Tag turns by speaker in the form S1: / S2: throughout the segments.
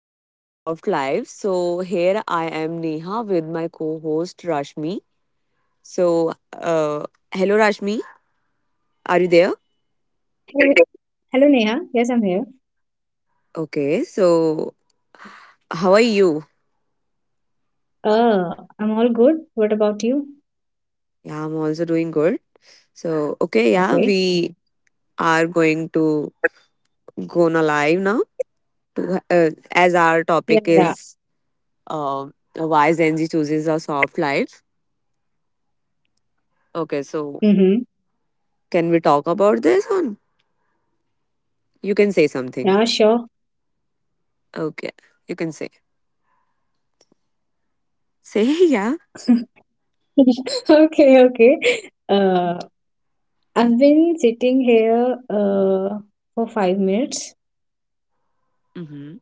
S1: chooses a soft life. So here I am Neha with my co-host Rashmi. So uh hello Rashmi, are you there?
S2: Hello, Neha. Yes, I'm here.
S1: Okay, so how are you?
S2: I'm all good. What about you?
S1: Yeah, I'm also doing good. So okay, yeah,
S2: Okay.
S1: we are going to go on a live now to as our
S2: Yeah,
S1: topic
S2: yeah.
S1: is why Gen Z chooses a soft life. Okay, so
S2: Mm-hmm.
S1: can we talk about this on? You can say
S2: Yeah,
S1: something.
S2: sure.
S1: Okay. You can say. Say yeah.
S2: Okay, okay. Uh, I've been sitting here for 5 minutes.
S1: Hmm.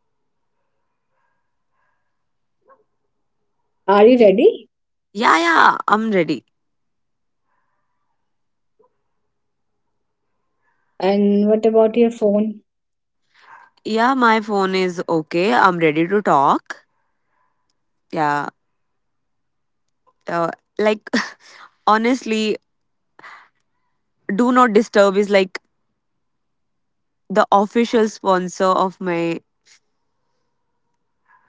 S2: Are you ready?
S1: Yeah, yeah, I'm ready.
S2: And what about your phone?
S1: Yeah, my phone is okay. I'm ready to talk. Yeah, uh, like honestly, do not disturb is like the official sponsor of my.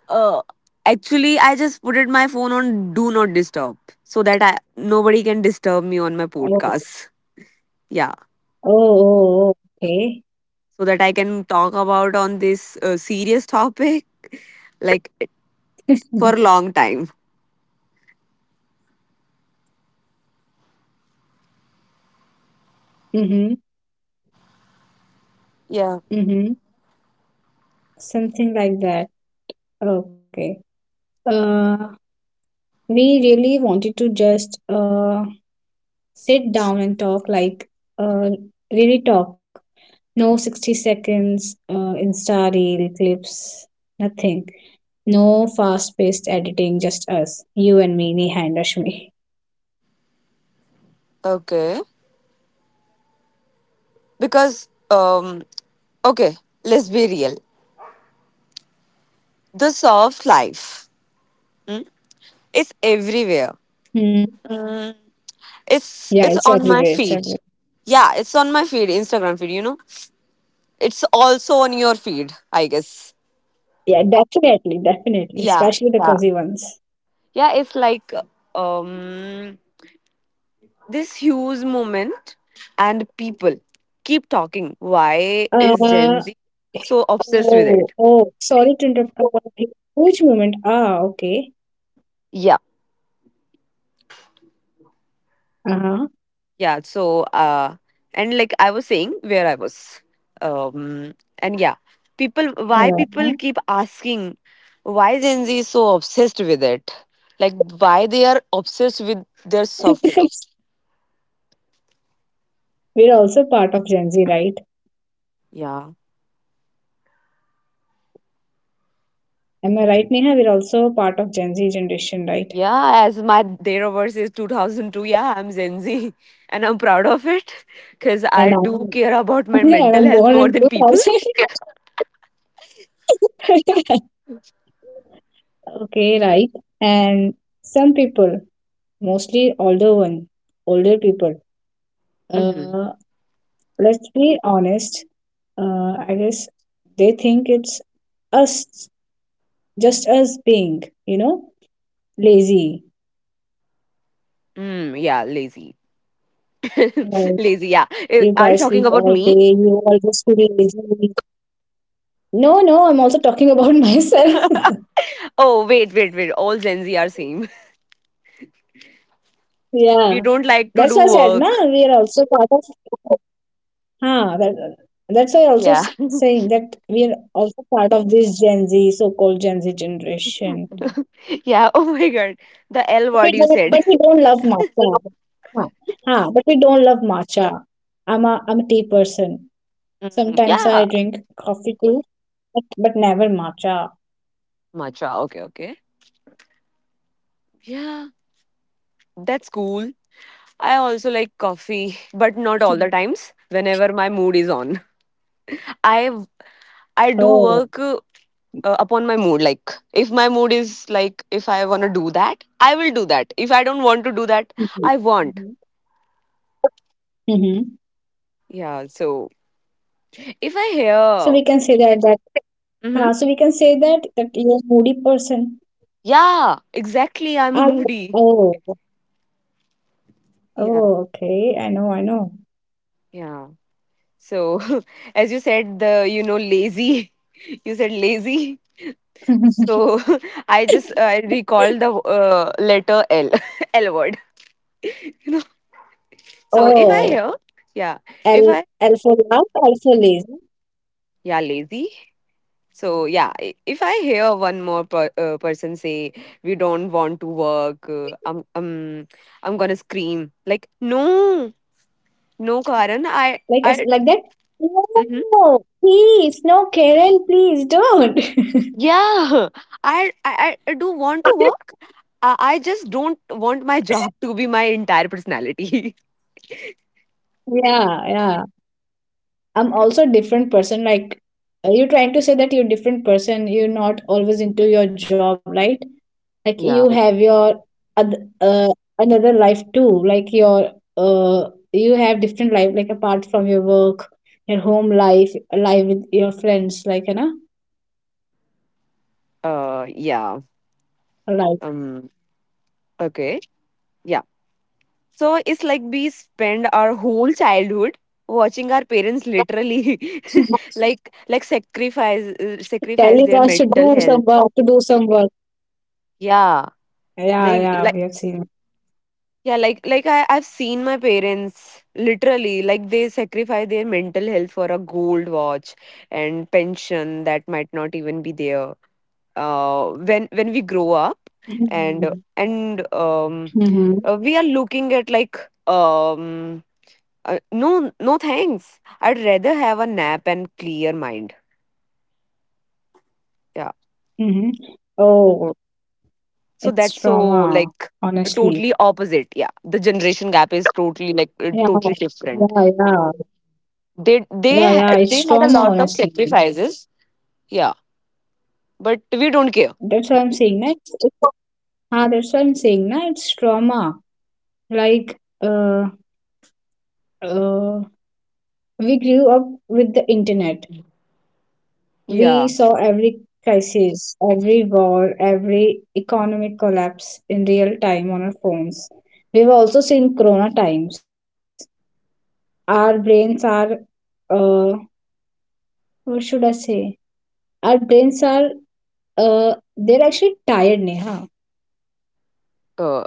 S1: Uh, Actually, I just put it my phone on do not disturb so that I nobody can disturb me on my
S2: Oh, oh,
S1: podcast. Yeah,
S2: oh, oh, okay.
S1: so that I can talk about on this serious topic. Like for a long time.
S2: Mm-hmm.
S1: Yeah.
S2: Mm-hmm. Something like that. Okay. Uh, we really wanted to just sit down and talk, like, uh, really talk, no 60 seconds insta reel clips, nothing, no fast paced editing, just us, you and me, Neha and Rashmi.
S1: Okay. Because okay, let's be real. The soft life is everywhere.
S2: Hmm. Yeah,
S1: It's
S2: it's
S1: it's on
S2: everywhere,
S1: my
S2: it's
S1: feed.
S2: everywhere.
S1: Yeah, it's on my Instagram feed, It's also on your feed, I guess.
S2: Yeah, definitely,
S1: Yeah.
S2: especially the
S1: Yeah.
S2: cozy ones.
S1: Yeah, it's like um this huge moment and people keep talking. Why is Gen
S2: uh,
S1: Z so obsessed with
S2: oh,
S1: it?
S2: oh, sorry to interrupt. One thing. Which moment? Ah, okay.
S1: Yeah.
S2: Uh-huh.
S1: Yeah so uh and like I was saying where I was, um and yeah, people keep
S2: Uh-huh.
S1: asking why Gen Z is so obsessed with it, like why they are obsessed with their soft life.
S2: We're also part of Gen Z, right?
S1: Yeah.
S2: Am I right, Neha? We're also part of Gen Z generation, right?
S1: Yeah, as my dataverse is 2002. Yeah, I'm Gen Z. And I'm proud of it because I
S2: And
S1: do
S2: I'm,
S1: care about my
S2: and
S1: mental
S2: I'm
S1: health
S2: born
S1: more
S2: and
S1: than
S2: grew
S1: people.
S2: also. Okay, right. And some people, mostly older one, older people.
S1: Mm-hmm.
S2: Uh, let's be honest. I guess they think it's us, just us being lazy.
S1: Yeah, lazy.
S2: Like,
S1: Lazy, yeah.
S2: you
S1: Eh,
S2: guys
S1: are you
S2: sleep
S1: talking about
S2: all day.
S1: me?
S2: You always feel lazy. No, no, I'm also talking about myself.
S1: Oh, wait, wait, wait. All Gen Z are same. We
S2: Yeah.
S1: don't like to
S2: That's
S1: do
S2: why I said, no,
S1: work.
S2: we are also part of. Huh, that's why I also
S1: Yeah.
S2: saying that we are also part of this Gen Z, so-called Gen Z generation.
S1: Yeah. Oh my God. The L
S2: We
S1: word you
S2: don't, but
S1: said.
S2: we don't love matcha. Huh, huh, but we don't love matcha. I'm a tea person.
S1: Mm,
S2: Sometimes I
S1: yeah.
S2: drink coffee too, but never matcha.
S1: Matcha. Okay, okay. Yeah. That's cool. I also like coffee, but not all the times. Whenever my mood is on. I I do
S2: Oh.
S1: work upon my mood. Like if my mood is like if I want to do that, I will do that. If I don't want to do that,
S2: Mhm.
S1: I want.
S2: Mm-hmm.
S1: Yeah. So if I hear,
S2: So we
S1: mm-hmm.
S2: can say that that so we can say that that you're a moody person.
S1: Yeah, exactly. I'm a
S2: Are you?
S1: moody.
S2: Oh.
S1: Yeah,
S2: Oh, okay. I know, I know.
S1: yeah. So, as you said, the, lazy, you said lazy. So, I just I recall the letter L, L word. You know, so if I
S2: Oh,
S1: hear, yeah, if
S2: El
S1: I,
S2: Elfo Love, Elfo Lazy.
S1: yeah, lazy. So, yeah, if I hear one more person say, we don't want to work, I'm gonna scream. Like, no, no, Karan,
S2: Like, as like that? No, please, no, Karen, please don't.
S1: yeah. I do want to work. I just don't want my job to be my entire personality.
S2: Yeah, yeah. I'm also a different person. Like, are you trying to say that you're a different person? You're not always into your job, right? Like,
S1: Yeah.
S2: you have your oth- uh, another life too, like, your you have different life, like, apart from your work, your home life with your friends, like, you know,
S1: Yeah.
S2: like.
S1: Um. Okay. Yeah. So it's like we spend our whole childhood watching our parents literally, like sacrifice sacrifice
S2: telling
S1: their
S2: us to
S1: mental
S2: do some
S1: health.
S2: work to do some work
S1: Yeah.
S2: Yeah,
S1: Like
S2: yeah, we have seen.
S1: yeah, like I've seen my parents literally like they sacrifice their mental health for a gold watch and pension that might not even be there. When we grow up and
S2: Mm-hmm.
S1: and
S2: Mm-hmm.
S1: we are looking at like, um, no, no thanks. I'd rather have a nap and clear mind. Yeah,
S2: Mm-hmm. Oh.
S1: so that's
S2: It's
S1: so
S2: trauma,
S1: like totally
S2: honestly.
S1: opposite. Yeah, the generation gap is totally like
S2: Yeah,
S1: totally different.
S2: yeah, yeah,
S1: they they
S2: yeah,
S1: ha-
S2: yeah,
S1: they
S2: it's
S1: had a
S2: trauma,
S1: lot of
S2: honestly.
S1: sacrifices, yeah, but we don't care.
S2: That's what I'm saying next. Ah, that's what I'm saying. Na, it's trauma. Like, uh, we grew up with the internet. We
S1: Yeah.
S2: saw every crisis, every war, every economic collapse in real time on our phones. We've also seen corona times. Our brains are, uh, what should I say? Our brains are, they're actually tired, Neha.
S1: uh,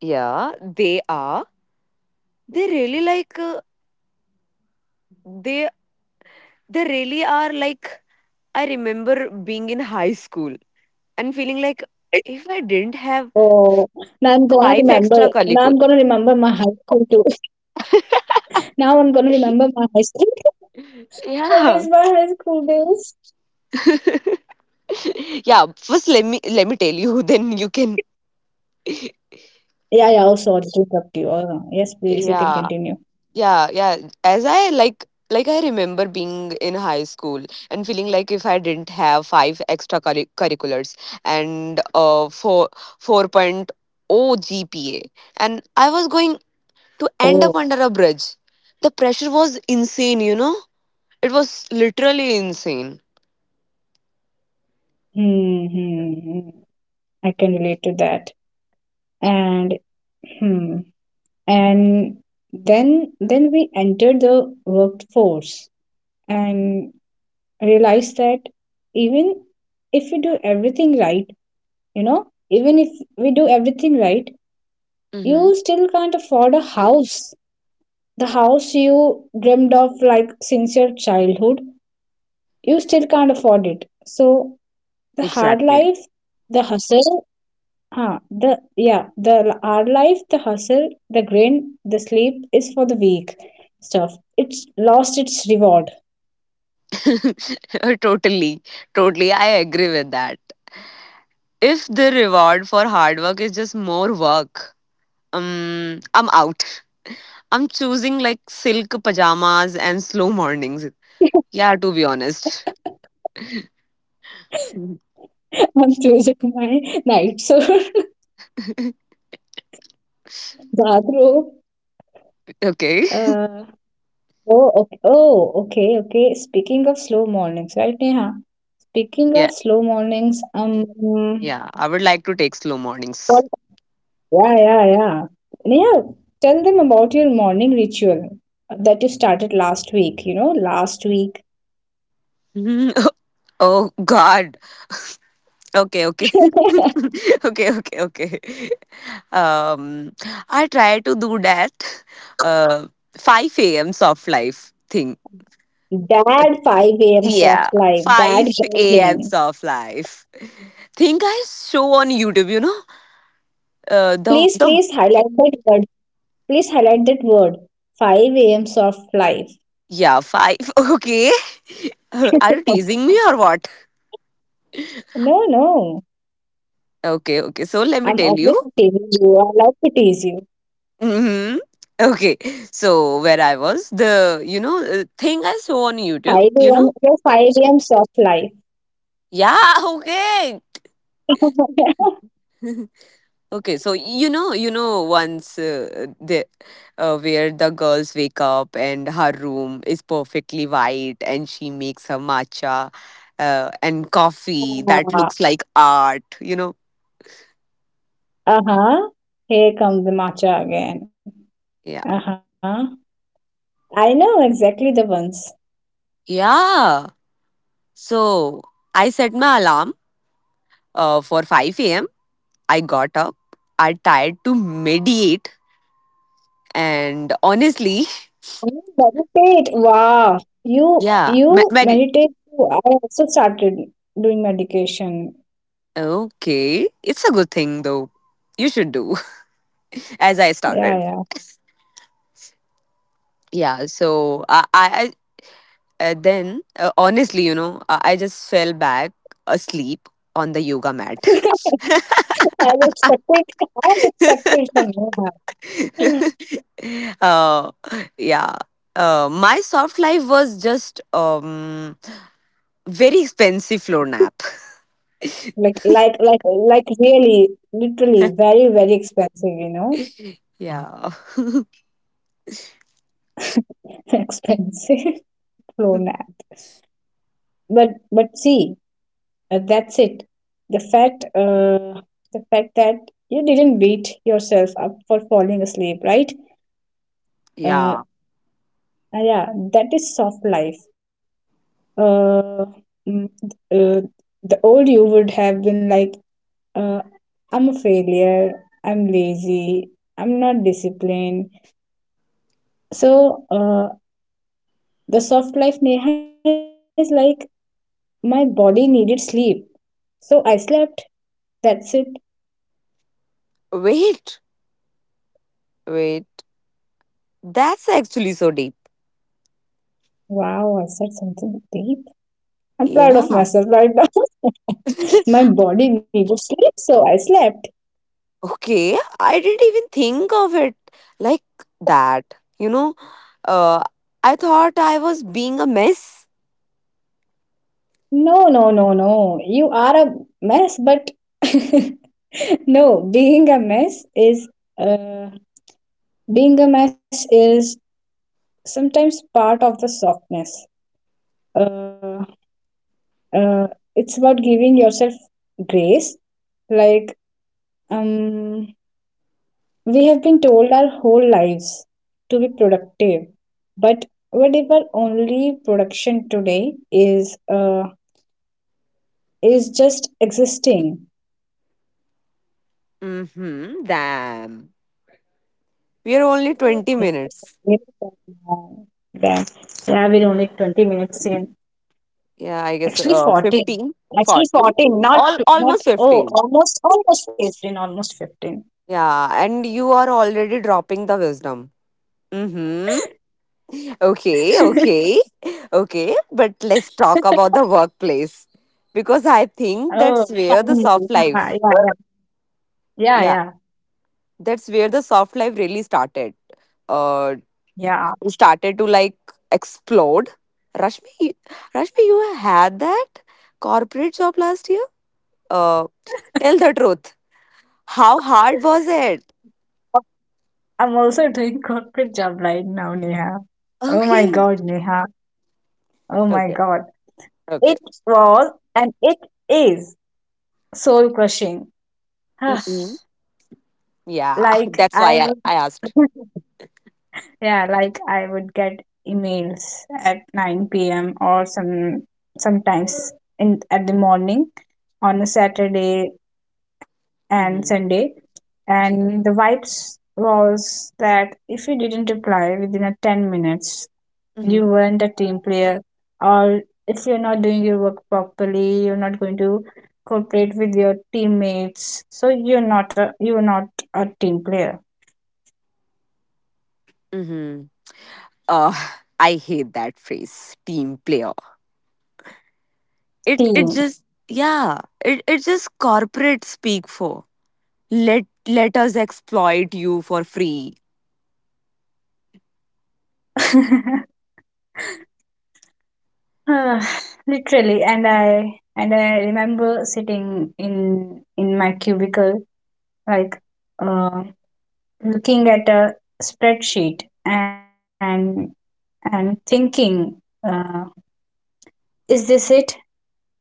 S1: yeah, they are. They really like they they really are like I remember being in high school and feeling like if I didn't have
S2: Oh, now I'm gonna
S1: five extra
S2: remember. Now
S1: calicos.
S2: I'm gonna remember my high school too. Now I'm gonna remember my high school. I
S1: Yeah.
S2: miss my high school days.
S1: Yeah, first let me tell you. Then you can.
S2: Yeah, yeah, oh, sorry to interrupt you. Yes, please, you can
S1: Yeah.
S2: continue.
S1: Yeah, yeah. As I like I remember being in high school and feeling like if I didn't have five extra curriculars and four 4.0 GPA and I was going to end up
S2: Oh.
S1: under a bridge. The pressure was insane, you know? It was literally insane.
S2: Hmm, hmm, hmm. I can relate to that. And hmm. And then we entered the workforce and realized that, even if you do everything right, you know, even if we do everything right,
S1: Mm-hmm.
S2: you still can't afford a house. The house you dreamed of, like, since your childhood, you still can't afford it, so the hard
S1: Exactly.
S2: life, the hustle, huh, the hard life, the hustle, the grind, the sleep is for the weak stuff, it's lost its reward.
S1: Totally. Totally. I agree with that. If the reward for hard work is just more work, I'm out. I'm choosing like silk pajamas and slow mornings. Yeah, to be honest.
S2: I'm choosing my night, so bathrobe.
S1: Okay.
S2: uh, oh, okay. Oh, okay, okay. Speaking of slow mornings, right, Neha? Speaking
S1: Yeah.
S2: of slow mornings,
S1: Yeah. I would like to take slow mornings.
S2: Yeah, yeah, yeah. And yeah, tell them about your morning ritual that you started last week, last week.
S1: Mhm. Oh God. Okay. Okay. Okay. Okay. Okay. Um, I try to do that. Uh, 5 a.m. soft life thing.
S2: That 5 a.m.
S1: Yeah,
S2: soft life, that
S1: 5 a.m.
S2: jogging.
S1: soft life thing. I show on YouTube, you know,
S2: Please,
S1: the
S2: please highlight that word. Please highlight that word. 5 a.m. soft life.
S1: Yeah, five. Okay. Are you teasing me or what?
S2: No, no.
S1: Okay, okay. So let me
S2: I'm
S1: tell
S2: always
S1: you.
S2: teasing you. I love to tease you.
S1: Mm-hmm. Okay. So where I was, the you know thing I saw on YouTube,
S2: 5
S1: you
S2: a.m.
S1: know.
S2: Your 5 a.m. soft life.
S1: Yeah. Okay. Okay. So you know, once the where the girls wake up and her room is perfectly white, and she makes her matcha and coffee that looks like art. You know.
S2: Uh-huh. Here comes the matcha again.
S1: Yeah.
S2: Uh-huh. I know exactly the ones.
S1: Yeah. So I set my alarm for 5 a.m. I got up. I tried to mediate, and honestly,
S2: You meditate. Wow. You
S1: yeah, me-
S2: you
S1: med-
S2: meditate too. I also started doing meditation.
S1: okay, it's a good thing though. You should do as I
S2: Yeah,
S1: started.
S2: yeah.
S1: Yeah, so I- then honestly, you know, I just fell back asleep on the yoga mat.
S2: I was expected I was expected from Neha.
S1: uh, yeah. My soft life was just very expensive floor nap.
S2: Like, really, literally, very, very expensive, you know.
S1: Yeah.
S2: Expensive phone app. But see, that's it. The fact uh the fact that you didn't beat yourself up for falling asleep, right? uh,
S1: Yeah.
S2: yeah, that is soft life. uh, mm, uh, the old you would have been like, uh, I'm a failure, I'm lazy, I'm not disciplined, so, the soft life, Neha, is like, my body needed sleep, so I slept. That's it.
S1: Wait, wait. That's actually so deep.
S2: Wow, I said something deep. I'm proud of
S1: Yeah.
S2: myself right now. My body needed sleep, so I slept.
S1: Okay. I didn't even think of it like that. You know, uh, I thought I was being a mess.
S2: No, no, no, no. You are a mess, but no, uh, being a mess is sometimes part of the softness. Uh, uh, it's about giving yourself grace. Like, um, we have been told our whole lives to be productive, but what if our only production today is just existing?
S1: Mm hmm. Damn. We are only 20
S2: Yes,
S1: minutes.
S2: yes, um, then, yeah, we're only 20 minutes in.
S1: Yeah, I guess
S2: Actually, 14.
S1: 15,
S2: Actually,
S1: 40,
S2: 14, not,
S1: all,
S2: not,
S1: almost
S2: oh,
S1: 15.
S2: almost 15, almost 15.
S1: Yeah, and you are already dropping the wisdom. Mm-hmm. Okay, okay, okay. But let's talk about the workplace because I think that's
S2: Oh,
S1: where the
S2: finally.
S1: soft
S2: Ah,
S1: life,
S2: yeah, yeah,
S1: yeah,
S2: yeah, yeah.
S1: that's where the soft life really started. Uh,
S2: Yeah.
S1: started to like explode. Rashmi, Rashmi, you had that corporate job last year. Uh, tell the truth. How hard was it?
S2: I'm also doing corporate job right now, Neha. Oh my
S1: Okay.
S2: God, Neha. Oh my
S1: Okay.
S2: God.
S1: Okay.
S2: It was and it is soul crushing.
S1: Mm-mm. Yeah,
S2: like
S1: that's why
S2: I'm
S1: I asked.
S2: Yeah, like I would get emails at 9 p.m., or sometimes in at the morning, on a Saturday and Sunday.
S1: Mm-hmm.
S2: And the vibes was that if you didn't reply within a 10 minutes, you
S1: Mm-hmm.
S2: weren't a team player, or if you're not doing your work properly, you're not going to cooperate with your teammates. So, you're not a team player.
S1: Mm-hmm. Uh, I hate that phrase, team player. It
S2: Team.
S1: just yeah, it just corporate speak for. Let us exploit you for free.
S2: Ah, literally, and I remember sitting in my cubicle, like, uh, looking at a spreadsheet, and thinking, uh, is this it? Like,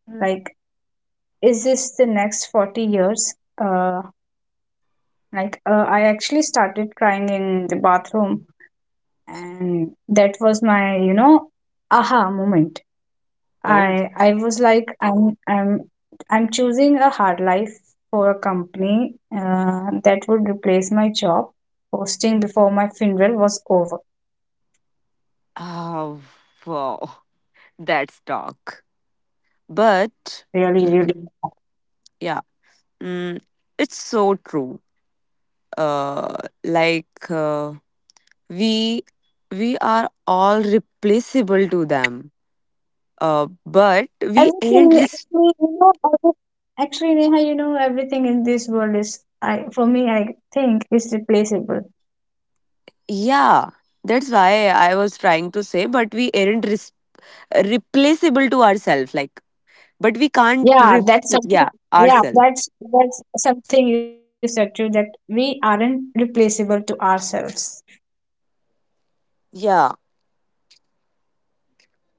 S2: is this the next 40 years? uh, I actually started crying in the bathroom, and that was my aha moment. I
S1: Oh.
S2: I was like, I'm choosing a hard life for a company that would replace my job. Posting before my funeral was over.
S1: Oh, wow. That's dark. But
S2: Really, really.
S1: mm, yeah, mm, it's so true. Uh, like. We we are all replaceable to them, but we aren't
S2: Everything actually, you know, actually, Neha, you know, everything in this world is, I, for me, I think, is replaceable.
S1: yeah, that's why I was trying to say, but we aren't replaceable to ourselves, like but we can't
S2: Yeah, that's
S1: repl-
S2: something.
S1: yeah,
S2: Yeah,
S1: ourselves.
S2: that's something you said too, that we aren't replaceable to ourselves.
S1: Yeah.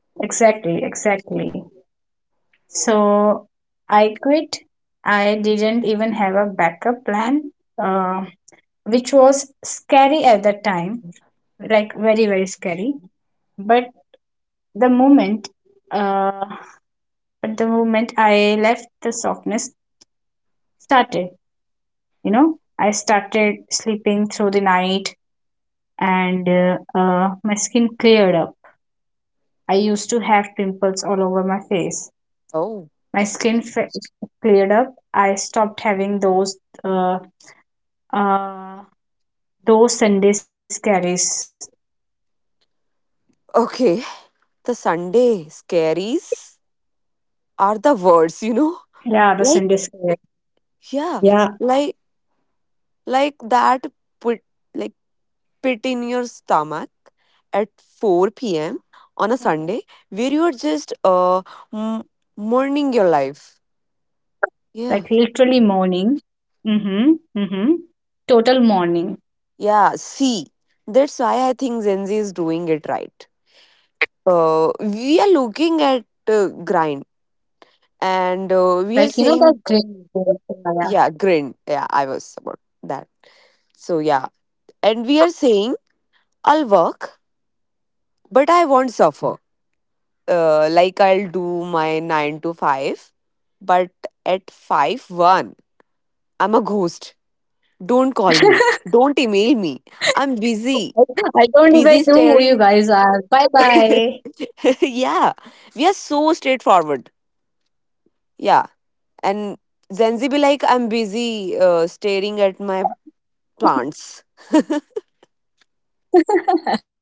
S2: Exactly, exactly. So I quit. I didn't even have a backup plan, uh, which was scary at the time, like, very, very scary. But the moment, uh, but the moment I left, the softness started. You know, I started sleeping through the night, and my skin cleared up. I used to have pimples all over my face.
S1: Oh,
S2: My skin cleared up. I stopped having uh, uh, Those Sundays carries.
S1: okay. The Sunday scaries are the worst,
S2: Yeah,
S1: you
S2: the
S1: know,
S2: Sundays carries.
S1: like
S2: Yeah,
S1: yeah, like like that put like. Pit in your stomach at 4 p.m. on a Sunday where you're just m- mourning your life. Yeah.
S2: like, literally, morning. Mm-hmm. Mm-hmm. Total morning.
S1: Yeah. See, that's why I think Gen Z is doing it right. We are looking at grind and we are
S2: Like, you know,
S1: saying,
S2: that great. Yeah.
S1: yeah, grind. Yeah, I was about that. So, yeah. And we are saying, I'll work, but I won't suffer. Uh, like I'll do my 9 to 5, but at 5 1, I'm a ghost. Don't call me. Don't email me. I'm busy.
S2: I don't even
S1: Busy
S2: know who you
S1: staring.
S2: guys are. Bye bye.
S1: Yeah. We are so straightforward. Yeah. And Gen Z be like, I'm busy staring at my plants.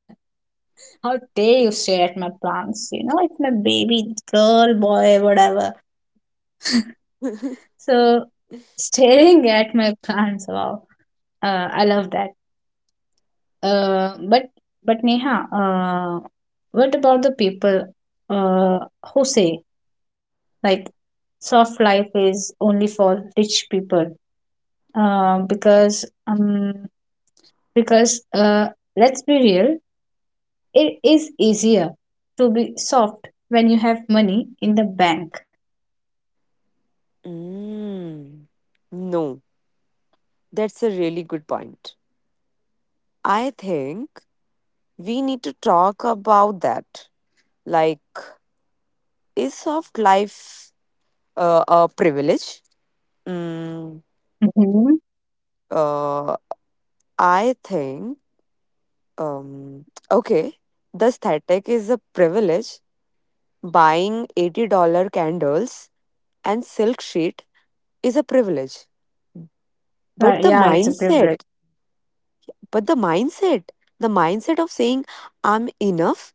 S2: How dare you stare at my plants? You know, it's my baby girl, boy, whatever. So, staring at my plants, wow. I love that. Uh, but but Neha, what about the people uh, who say, like, soft life is only for rich people? Uh, because um, because Let's be real, it is easier to be soft when you have money in the bank.
S1: Mm. No, that's a really good point. I think we need to talk about that. Like, is soft life a privilege. Mm,
S2: Hmm.
S1: uh, I think, okay, the aesthetic is a privilege. Buying $80 candles and silk sheet is a privilege. But
S2: Right,
S1: the
S2: yeah, it's a privilege.
S1: mindset, but the mindset of saying I'm enough,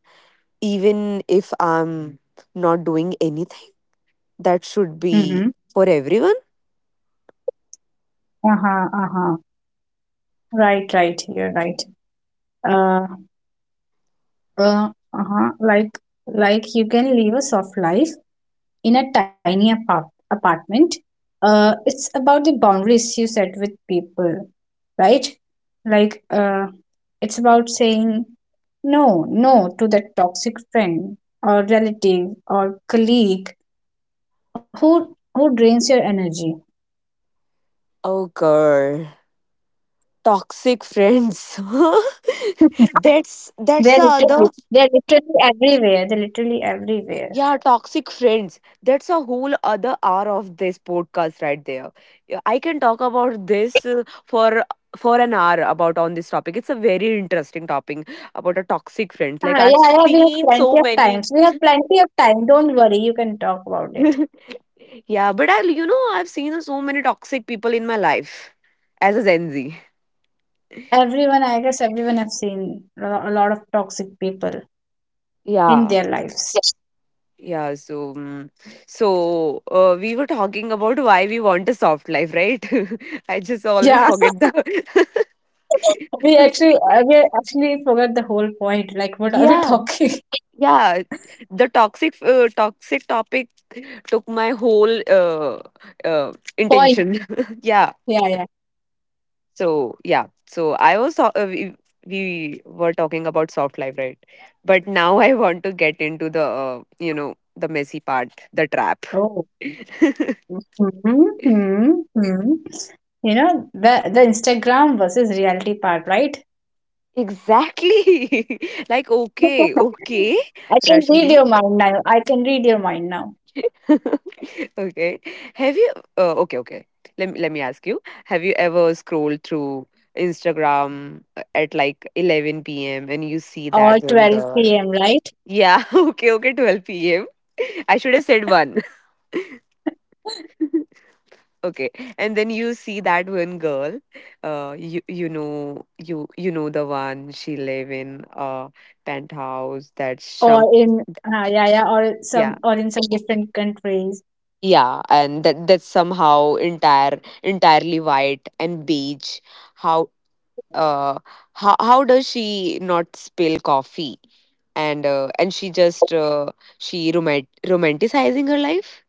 S1: even if I'm not doing anything, that should be
S2: Mm-hmm.
S1: for everyone.
S2: Uh-huh, uh-huh. Right, right, you're right. Uh, uh-huh, like, you can live a soft life in a tiny apartment, it's about the boundaries you set with people, right. Like, it's about saying no, no to that toxic friend or relative or colleague who drains your energy.
S1: Oh, girl. Toxic friends. That's
S2: they're
S1: the
S2: literally
S1: other.
S2: they're literally everywhere, they're literally everywhere.
S1: Yeah, toxic friends, that's a whole other hour of this podcast right there. Yeah, I can talk about this for for an hour about on this topic. It's a very interesting topic about a toxic friend, like
S2: Ah,
S1: I've
S2: yeah, yeah, we have
S1: seen
S2: plenty
S1: so
S2: of
S1: many.
S2: times, we have plenty of time, don't worry, you can talk about it.
S1: Yeah, but I, you know, I've seen so many toxic people in my life as a Gen Z.
S2: Everyone, I guess everyone have seen a lot of toxic people in
S1: Yeah.
S2: their lives.
S1: Yeah, so we were talking about why we want a soft life, right? I just always
S2: Yeah,
S1: forget the.
S2: we actually forgot the whole point. Like, what are we
S1: Yeah,
S2: talking?
S1: yeah, the toxic toxic topic took my whole
S2: Point.
S1: intention. Yeah,
S2: Yeah, yeah.
S1: so yeah, so I was so- we were talking about soft life, right? But now I want to get into the you know, the messy part, the trap.
S2: Oh. Hmm, hmm, hmm. You know the Instagram versus reality part, right?
S1: Exactly. Like, okay, okay,
S2: I can read
S1: Rashmi.
S2: your mind now. I can read your mind now.
S1: Okay. Have you okay, okay. Let me ask you. Have you ever scrolled through Instagram at like 11 p.m. and you see
S2: Or
S1: that one girl?
S2: 12 p.m., right?
S1: Yeah, okay, okay, 12 p.m. I should have said one. Okay, and then you see that one girl, you know the one she live in a penthouse that
S2: Or
S1: some
S2: in Yeah, yeah, or
S1: yeah.
S2: some or in some different countries.
S1: Yeah, and that's somehow entirely white and beige. How uh how how does she not spill coffee? And she just she romanticizing her life.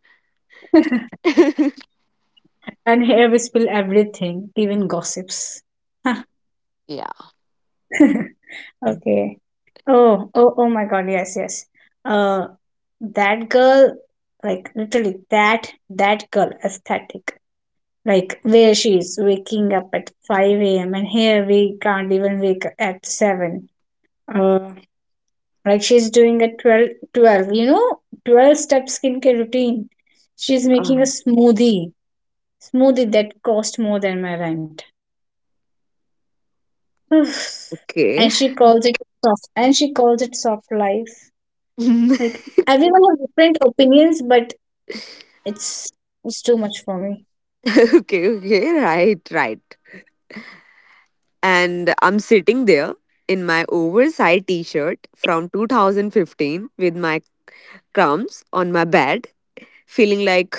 S2: And here we spill everything, even gossips.
S1: Yeah.
S2: Okay. Oh, oh, oh my God. Yes, yes. Uh, that girl, like, literally, that girl aesthetic. Like, where she is waking up at 5 a.m. and here we can't even wake up at 7. Uh, like, she's doing a 12, 12, 12 step skincare routine. She's making
S1: Uh,
S2: a smoothie that cost more than my rent. and
S1: okay.
S2: she calls it soft and she calls it soft life Like everyone has different opinions, but it's it's too much for me.
S1: Okay. Okay. Right. Right. And I'm sitting there in my oversized T-shirt from 2015 with my crumbs on my bed, feeling like,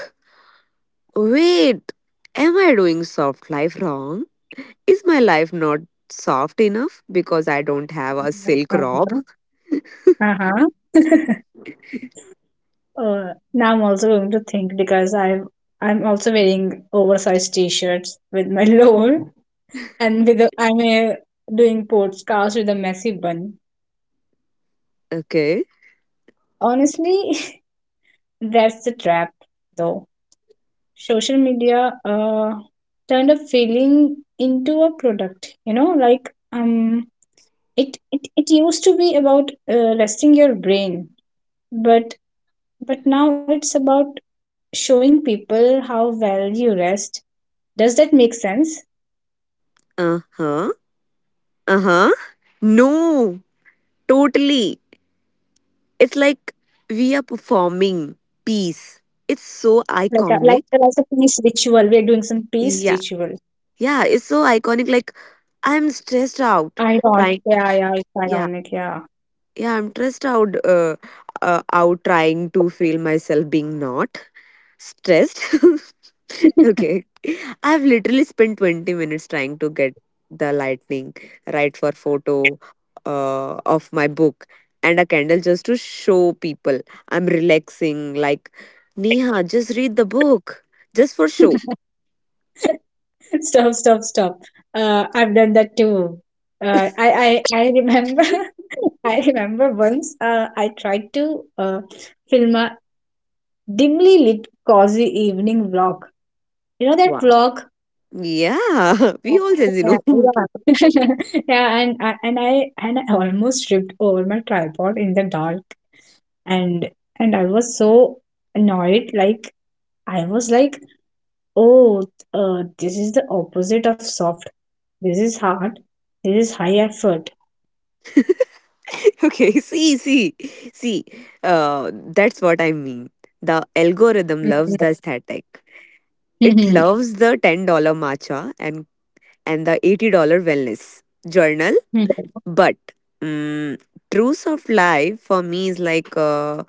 S1: wait, am I doing soft life wrong? Is my life not soft enough because I don't have a silk
S2: Uh-huh,
S1: robe?
S2: uh-huh. uh, now I'm also going to think, because I've, I'm also wearing oversized t-shirts with my lower, and with a, I'm a, doing sports cars with a messy bun,
S1: Okay.
S2: honestly. That's the trap, though. Social media turned a feeling into a product, it used to be about resting your brain, but now it's about showing people how well you rest. Does that make sense?
S1: Uh huh. Uh huh. No, totally. It's like we are performing peace. It's so
S2: Like a, like
S1: iconic.
S2: like a peace ritual, we're doing some peace
S1: Yeah.
S2: ritual.
S1: Yeah, it's so iconic. Like, I'm stressed out.
S2: Ironic.
S1: Trying.
S2: Yeah, yeah, it's
S1: Yeah.
S2: ironic, yeah.
S1: Yeah, I'm stressed out, out trying to feel myself being not stressed. Okay. I've literally spent 20 minutes trying to get the lightning right for photo of my book and a candle just to show people I'm relaxing. Like, Neha, just read the book just for show.
S2: Stop, stop, stop. I've done that too. I remember, I remember once I tried to film a dimly lit cozy evening vlog. You know that
S1: Wow.
S2: vlog?
S1: Yeah. We all Gen Z
S2: Yeah,
S1: know.
S2: yeah. Yeah, and I almost tripped over my tripod in the dark, and I was so annoyed. Like, I was like, oh, this is the opposite of soft. This is hard. This is high effort.
S1: Okay, see. That's what I mean. The algorithm
S2: Mhm,
S1: loves the aesthetic.
S2: mhm,
S1: It loves the $10 matcha and the $80 wellness journal.
S2: mhm,
S1: But, mm, truth of life for me is like uh,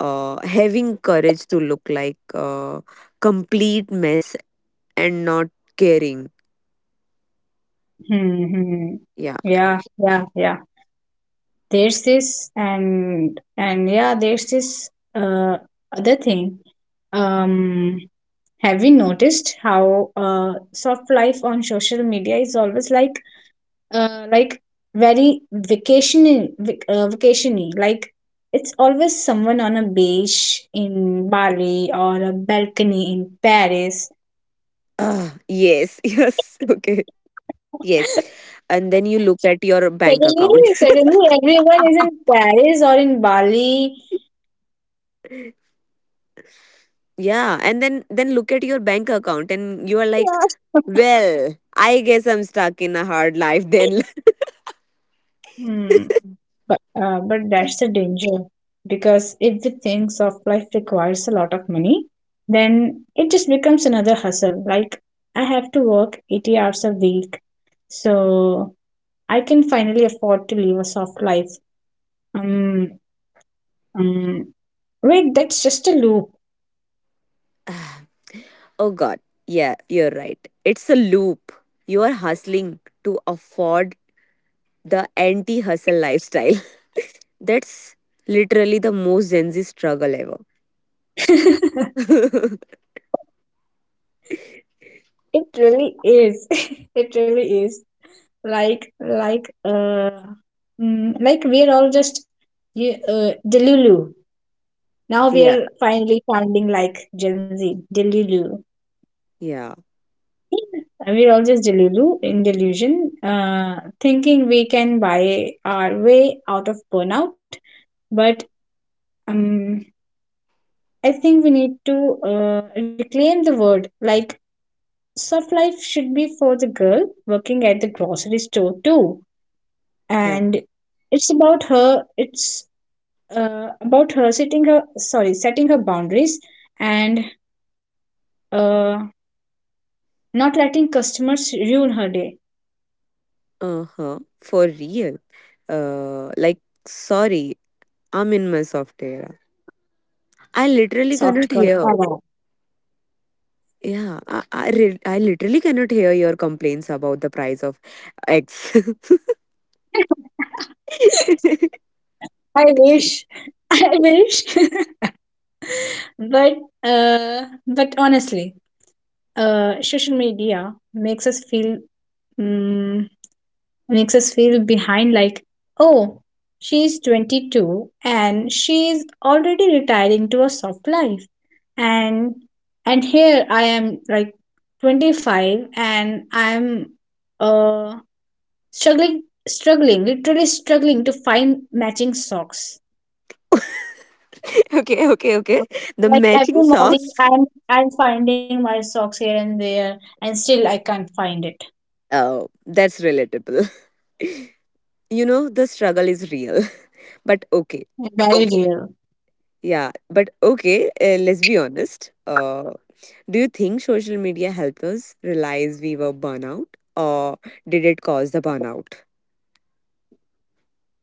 S1: uh, having courage to look like a complete mess and not caring.
S2: mhm.
S1: Yeah.
S2: Yeah, yeah, yeah. There's this, and yeah, there's this other thing. Um, have you noticed how soft life on social media is always like very vacation vacationy? Like, it's always someone on a beach in Bali or a balcony in Paris.
S1: Ah, yes. Yes. Okay. Yes. And then you look at your bank account.
S2: Suddenly, suddenly everyone is in Paris or in Bali.
S1: Yeah, and then look at your bank account and you are like,
S2: Yeah.
S1: well, I guess I'm stuck in a hard life then.
S2: Hmm. But that's the danger, because if we think soft life requires a lot of money, then it just becomes another hustle. Like, I have to work 80 hours a week, so I can finally afford to live a soft life. Um, um, wait, that's just a loop.
S1: Oh god. Yeah, you're right. It's a loop. You are hustling to afford the anti-hustle lifestyle. That's literally the most Gen Z struggle ever.
S2: It really is. It really is. Like, mm, like we're all just, yeah, delulu. Now
S1: Yeah.
S2: we're finally sounding like Gen Z delulu.
S1: Yeah.
S2: And we're all just delulu in delusion, uh thinking we can buy our way out of burnout. But um I think we need to reclaim the word. Like, soft life should be for the girl working at the grocery store too.
S1: Yeah.
S2: And it's about her, it's about her setting her, sorry, setting her boundaries, and uh, not letting customers ruin her day.
S1: Uh-huh. For real. Like, sorry, I'm in my soft era. I literally
S2: Soft
S1: cannot
S2: girl
S1: hear.
S2: era.
S1: Yeah, I literally cannot hear your complaints about the price of eggs.
S2: I wish. I wish. But but honestly, social media makes us feel, mm, makes us feel behind. Like, oh, she's 22 and she's already retiring to a soft life, and and here I am like 25 and I'm uh struggling, struggling, literally struggling to find matching socks.
S1: Okay, okay, okay. The
S2: Like,
S1: matching
S2: every morning
S1: socks.
S2: I'm, I'm finding my socks here and there, and still I can't find it.
S1: Oh, that's relatable. You know, the struggle is real. But okay,
S2: Very real.
S1: yeah. But okay, let's be honest. Do you think social media helped us realize we were burnout, or did it cause the burnout?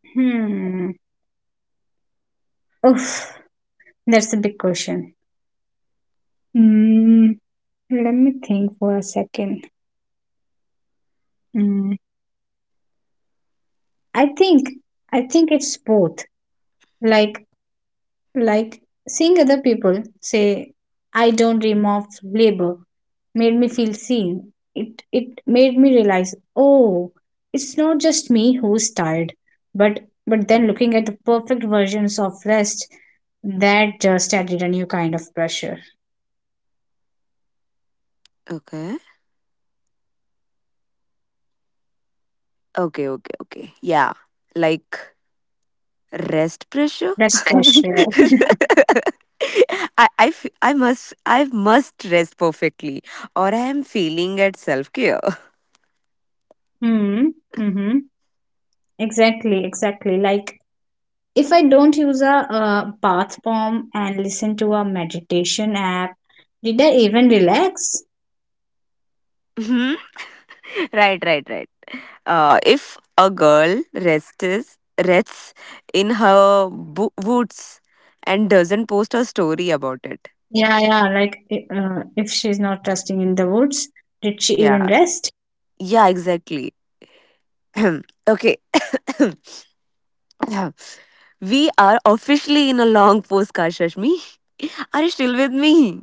S2: Hmm. Oof, that's a big question. Hmm. Let me think for a second. Mm, I think, I think it's both. Like like seeing other people say, I don't dream of labor, made me feel seen. It made me realize, oh, it's not just me who's tired. But then looking at the perfect versions of rest, that just added a new kind of pressure.
S1: Okay. Okay, okay, okay. Yeah. Like, rest
S2: Rest
S1: pressure.
S2: pressure.
S1: I must rest perfectly or I am failing at self care.
S2: Hmm. Mm-hmm. Exactly, exactly. Like, if I don't use a bath bomb and listen to a meditation app, did I even relax?
S1: Hmm. Right, right, right. If a girl rests in her boots and doesn't post a story about it.
S2: Yeah, yeah. Like, if she's not resting in the woods, did she even
S1: Yeah.
S2: rest?
S1: Yeah, exactly. Okay. We are officially in a long post, Kashashmi. Are you still with me?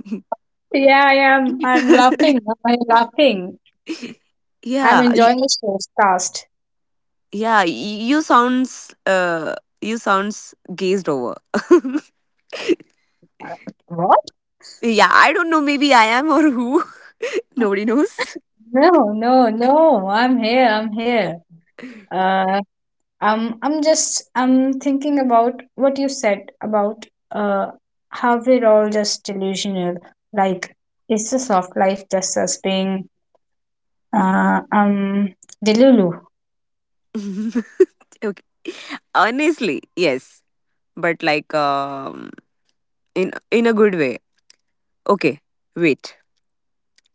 S2: Yeah, yeah. I'm laughing. I'm laughing. I'm
S1: Yeah.
S2: enjoying this podcast.
S1: Yeah, you sounds gazed over.
S2: What?
S1: Yeah, I don't know, maybe I am or who. Nobody knows.
S2: No, no, no. I'm here. I'm here. Uh, I'm just, I'm thinking about what you said about uh, how we're all just delusional. Like, is the soft life just us being uh, um delulu,
S1: Okay. Honestly, yes, but like, um, in a good way. Okay, wait.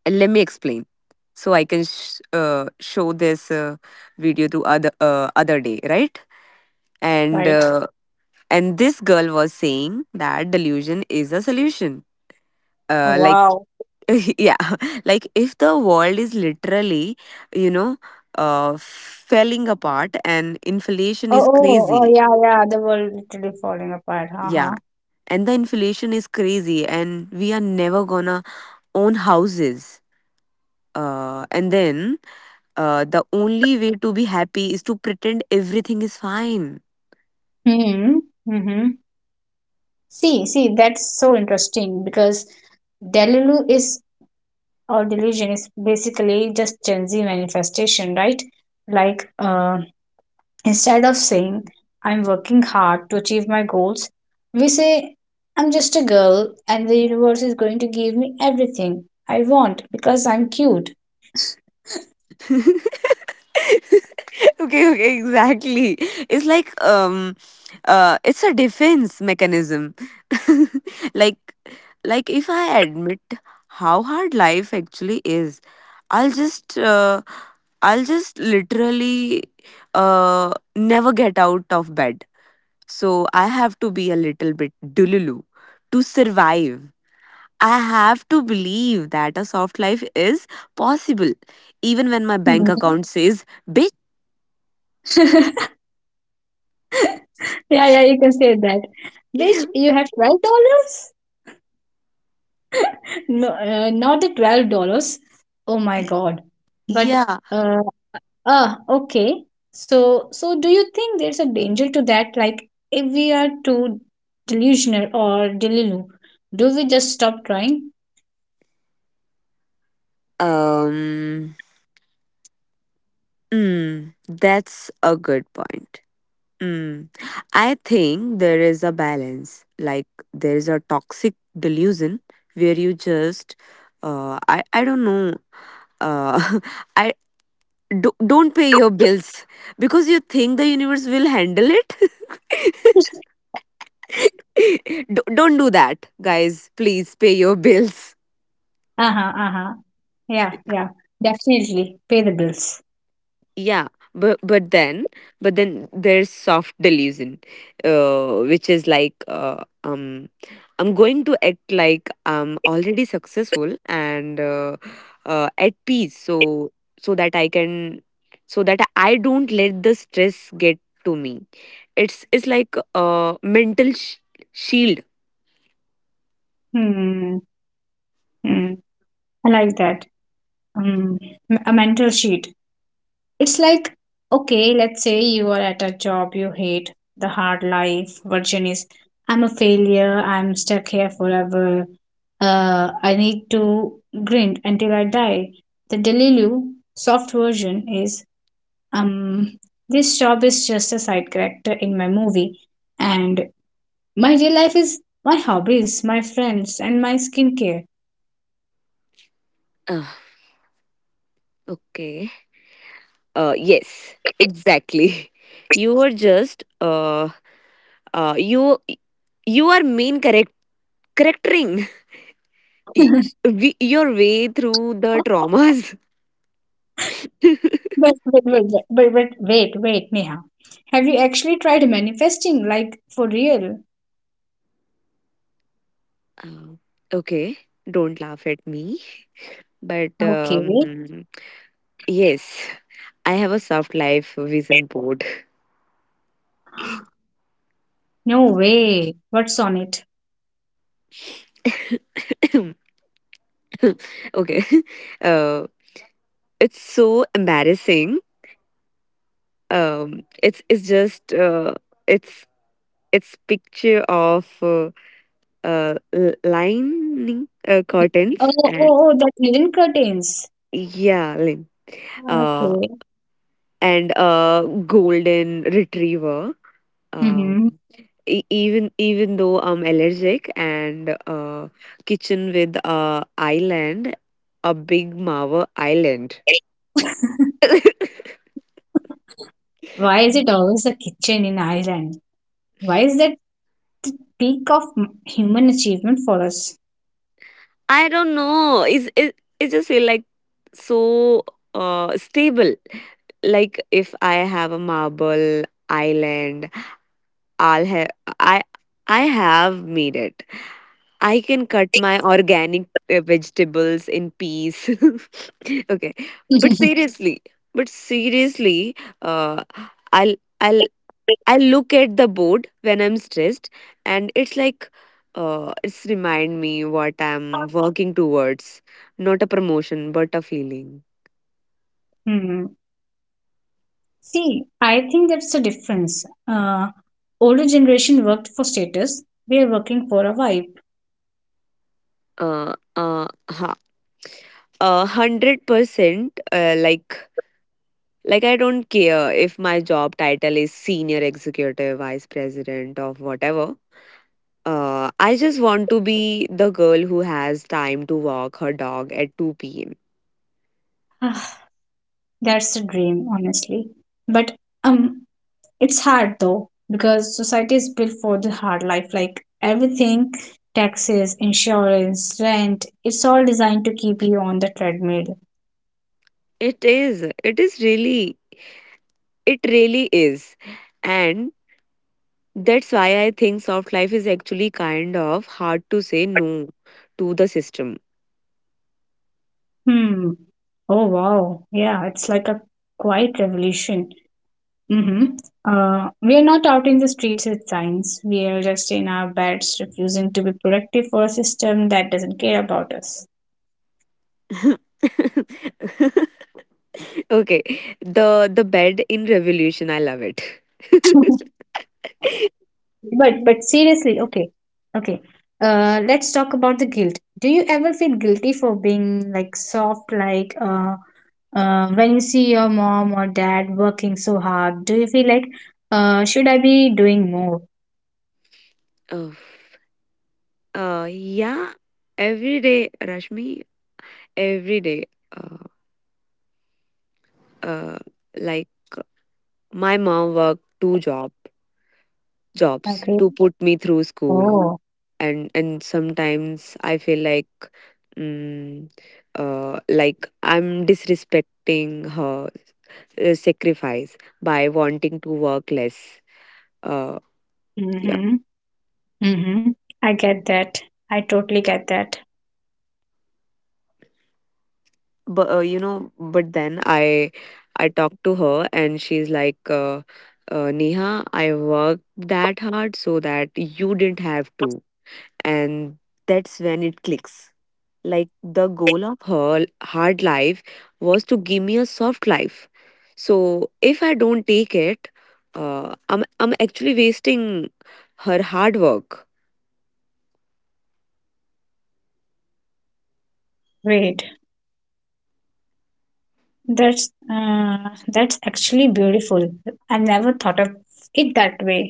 S1: Let me explain so I can show this video to other other day, right? And
S2: right?
S1: uh, and this girl was saying that delusion is a solution. Like,
S2: Wow.
S1: yeah, like if the world is literally, you know, falling apart and inflation is
S2: Oh, oh, oh,
S1: crazy,
S2: yeah, yeah. The world literally falling apart. Uh
S1: yeah,
S2: huh.
S1: and the inflation is crazy and we are never gonna own houses and then the only way to be happy is to pretend everything is fine.
S2: Hmm. Hmm. See, see, that's so interesting because delulu is, or delusion is, basically just Gen Z manifestation, right? Like, instead of saying, I'm working hard to achieve my goals, we say, I'm just a girl and the universe is going to give me everything I want because I'm cute.
S1: Okay, okay, exactly. It's like, um, it's a defense mechanism. like like if I admit how hard life actually is, I'll just I'll just literally uh never get out of bed. So I have to be a little bit dululu to survive. I have to believe that a soft life is possible, even when my bank
S2: Hmm.
S1: account says, bitch.
S2: Yeah, yeah, you can say that. Bitch, you have $12? No, not the $12. Oh my god! But
S1: Yeah.
S2: uh, ah, okay. So, so do you think there's a danger to that? Like, if we are too delusional or delulu, do we just stop trying?
S1: Um. Mm, that's a good point. Mm. I think there is a balance. Like, there is a toxic delusion where you just, I don't know, uh, I don't pay your bills because you think the universe will handle it. Don't do that, guys, please pay your bills.
S2: Uh-huh, uh-huh. Yeah, yeah. Definitely pay the bills.
S1: Yeah, but but then there's soft delusion, which is like, I'm going to act like I'm already successful and at peace, so that I can, so that I don't let the stress get to me. It's like a mental shield.
S2: Hmm, hmm. I like that. Hmm. M- a mental sheet. It's like, okay, let's say you are at a job you hate, the hard life version is, I'm a failure, I'm stuck here forever, I need to grind until I die. The Delilu soft version is, um, this job is just a side character in my movie, and my real life is my hobbies, my friends, and my skincare.
S1: Ugh, okay. Yes, exactly. You are just you you are mean correct correcting y- your way through the traumas.
S2: But, but, but, but, but wait, wait, Neha. Have you actually tried manifesting, like for real?
S1: Um, okay, don't laugh at me. But,
S2: Okay.
S1: yes, I have a soft life vision board.
S2: No way. What's on it?
S1: Okay, uh, it's so embarrassing. Um, it's it's picture of lining
S2: Oh,
S1: curtains and
S2: oh, oh, that linen curtains.
S1: yeah lin uh
S2: Okay.
S1: and a golden retriever, um,
S2: Mm-hmm.
S1: even though I'm allergic and kitchen with a island, a big marva island.
S2: Why is it always the kitchen in Ireland? Why is that the peak of m- human achievement for us?
S1: I don't know, it's it just feel like so stable. Like, if I have a marble island, I'll have, i I have made it. I can cut my organic vegetables in peace. Okay, but seriously, but seriously, uh, i'll i'll I look at the board when I'm stressed and it's like, it's remind me what I'm working towards, not a promotion but a feeling.
S2: Hmm. See, I think that's the difference. Older generation worked for status. We are working for a vibe.
S1: uh, uh, 100%. Like I don't care if my job title is senior executive, vice president, or whatever. I just want to be the girl who has time to walk her dog at 2 p.m.
S2: That's a dream, honestly. But um, it's hard though because society is built for the hard life. Like, everything, taxes, insurance, rent, it's all designed to keep you on the treadmill.
S1: It is. It is really. It really is, and that's why I think soft life is actually kind of hard to say no to the system.
S2: Hmm. Oh wow. Yeah, it's like a quiet revolution. Mm-hmm. We are not out in the streets with signs. We are just in our beds, refusing to be productive for a system that doesn't care about us.
S1: Okay, the bed in revolution. I love it.
S2: But seriously, okay, okay. Let's talk about the guilt. Do you ever feel guilty for being like soft, like when you see your mom or dad working so hard? Do you feel like, should I be doing more?
S1: Oof. Yeah, every day, Rashmi, every day. Uh, uh, like, my mom worked two jobs
S2: Okay.
S1: to put me through school,
S2: Oh.
S1: and sometimes I feel like, mm, like I'm disrespecting her sacrifice by wanting to work less. Uh,
S2: Mm-hmm. Mm-hmm. I get that. I totally get that.
S1: but you know, but then I talked to her and she's like, Neha, I worked that hard so that you didn't have to, and that's when it clicks. Like, the goal of her hard life was to give me a soft life, so if I don't take it, I'm actually wasting her hard work.
S2: Wait, that's actually beautiful. I never thought of it that way.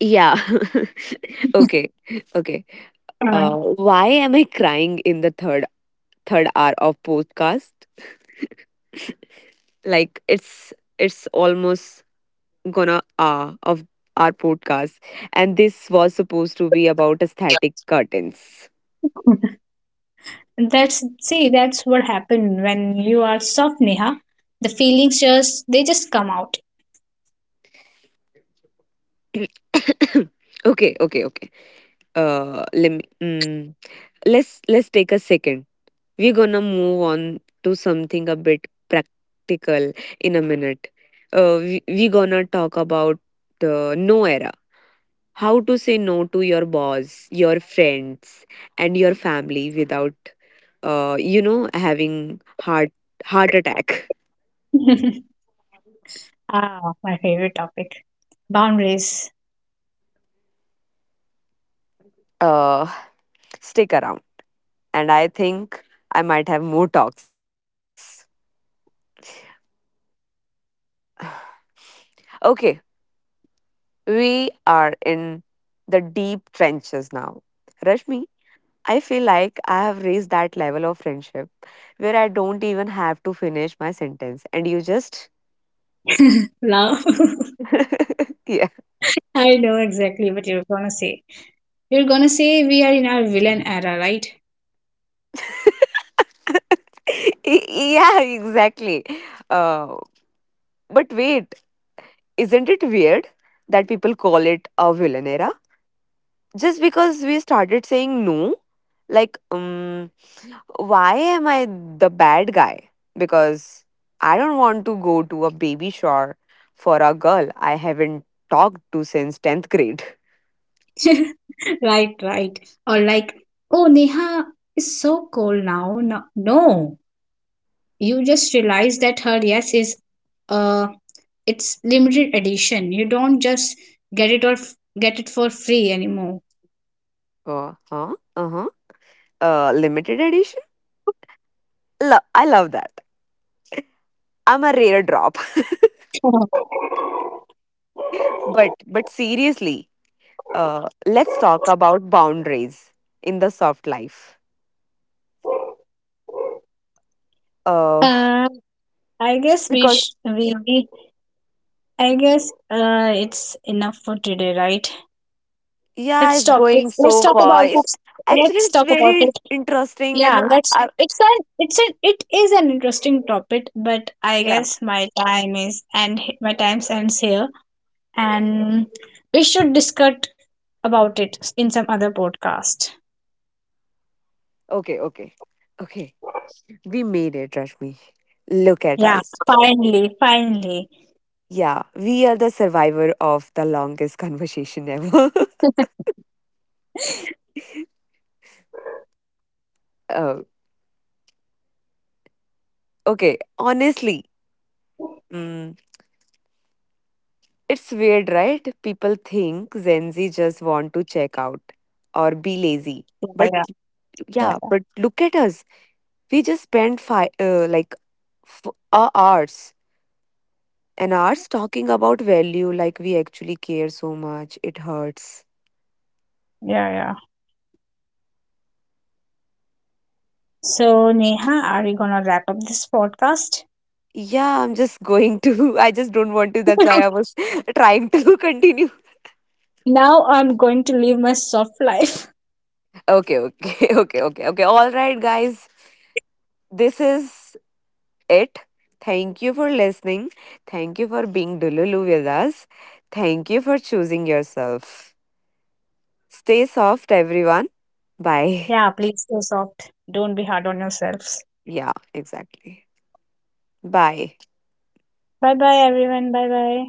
S1: Yeah. Okay, okay.
S2: Uh,
S1: uh, why am I crying in the third hour of podcast. Like, it's almost gonna hour of our podcast, and this was supposed to be about aesthetic curtains.
S2: that's, see, that's what happened when you are soft, Neha. The feelings just, they just come out.
S1: Okay, okay, okay. Let me. Mm, let's take a second. We're gonna move on to something a bit practical in a minute. We, we're gonna talk about, no era. How to say no to your boss, your friends, and your family without, you know, having heart attack.
S2: Ah, my favorite topic, boundaries.
S1: Uh, stick around, and I think I might have more talks. Okay, we are in the deep trenches now. Rashmi, I feel like I have reached that level of friendship where I don't even have to finish my sentence and you just
S2: Love.
S1: yeah.
S2: I know exactly what you're gonna say. You're gonna say we are in our villain era, right?
S1: Yeah, exactly. Uh, but wait, isn't it weird that people call it a villain era? Just because we started saying no, like, why am I the bad guy? Because I don't want to go to a baby shower for a girl I haven't talked to since 10th grade.
S2: Right, right. Or like, oh, Neha is so cold now. No, no, you just realize that her yes is uh it's limited edition. You don't just get it, or get it for free anymore.
S1: Uh huh, uh huh. Limited edition? I love that. I'm a rare drop. But seriously, uh, let's talk about boundaries in the soft life. Uh,
S2: uh, I guess we sh-,
S1: because
S2: we, I guess it's enough for today, right?
S1: yeah,
S2: Let's
S1: it's
S2: talk,
S1: going
S2: let's
S1: so
S2: talk
S1: far.
S2: about
S1: It's
S2: let's,
S1: actually
S2: let's
S1: it's
S2: talk about
S1: very
S2: it.
S1: interesting,
S2: Yeah,
S1: and
S2: let's, it is an interesting topic, but I
S1: yeah.
S2: guess my time is, and my time ends here, and we should discuss about it in some other podcast.
S1: Okay, okay, okay. We made it, Rashmi. Look at
S2: Yeah,
S1: us.
S2: finally, finally.
S1: Yeah, we are the survivor of the longest conversation ever. Oh, okay. Honestly, mm, it's weird, right? People think Gen Z just want to check out or be lazy.
S2: Yeah, yeah,
S1: But
S2: yeah,
S1: yeah, but look at us. We just spent five, like hours and hours talking about value, like we actually care so much. It hurts.
S2: yeah, yeah. So, Neha, are we gonna wrap up this podcast?
S1: Yeah, I'm just going to. I just don't want to. That's why I was trying to continue.
S2: Now I'm going to live my soft life.
S1: Okay, okay, okay, okay, okay. All right, guys. This is it. Thank you for listening. Thank you for being Dululu with us. Thank you for choosing yourself. Stay soft, everyone. Bye.
S2: Yeah, please go soft. Don't be hard on yourselves.
S1: Yeah, exactly. Bye.
S2: Bye bye, everyone. Bye bye.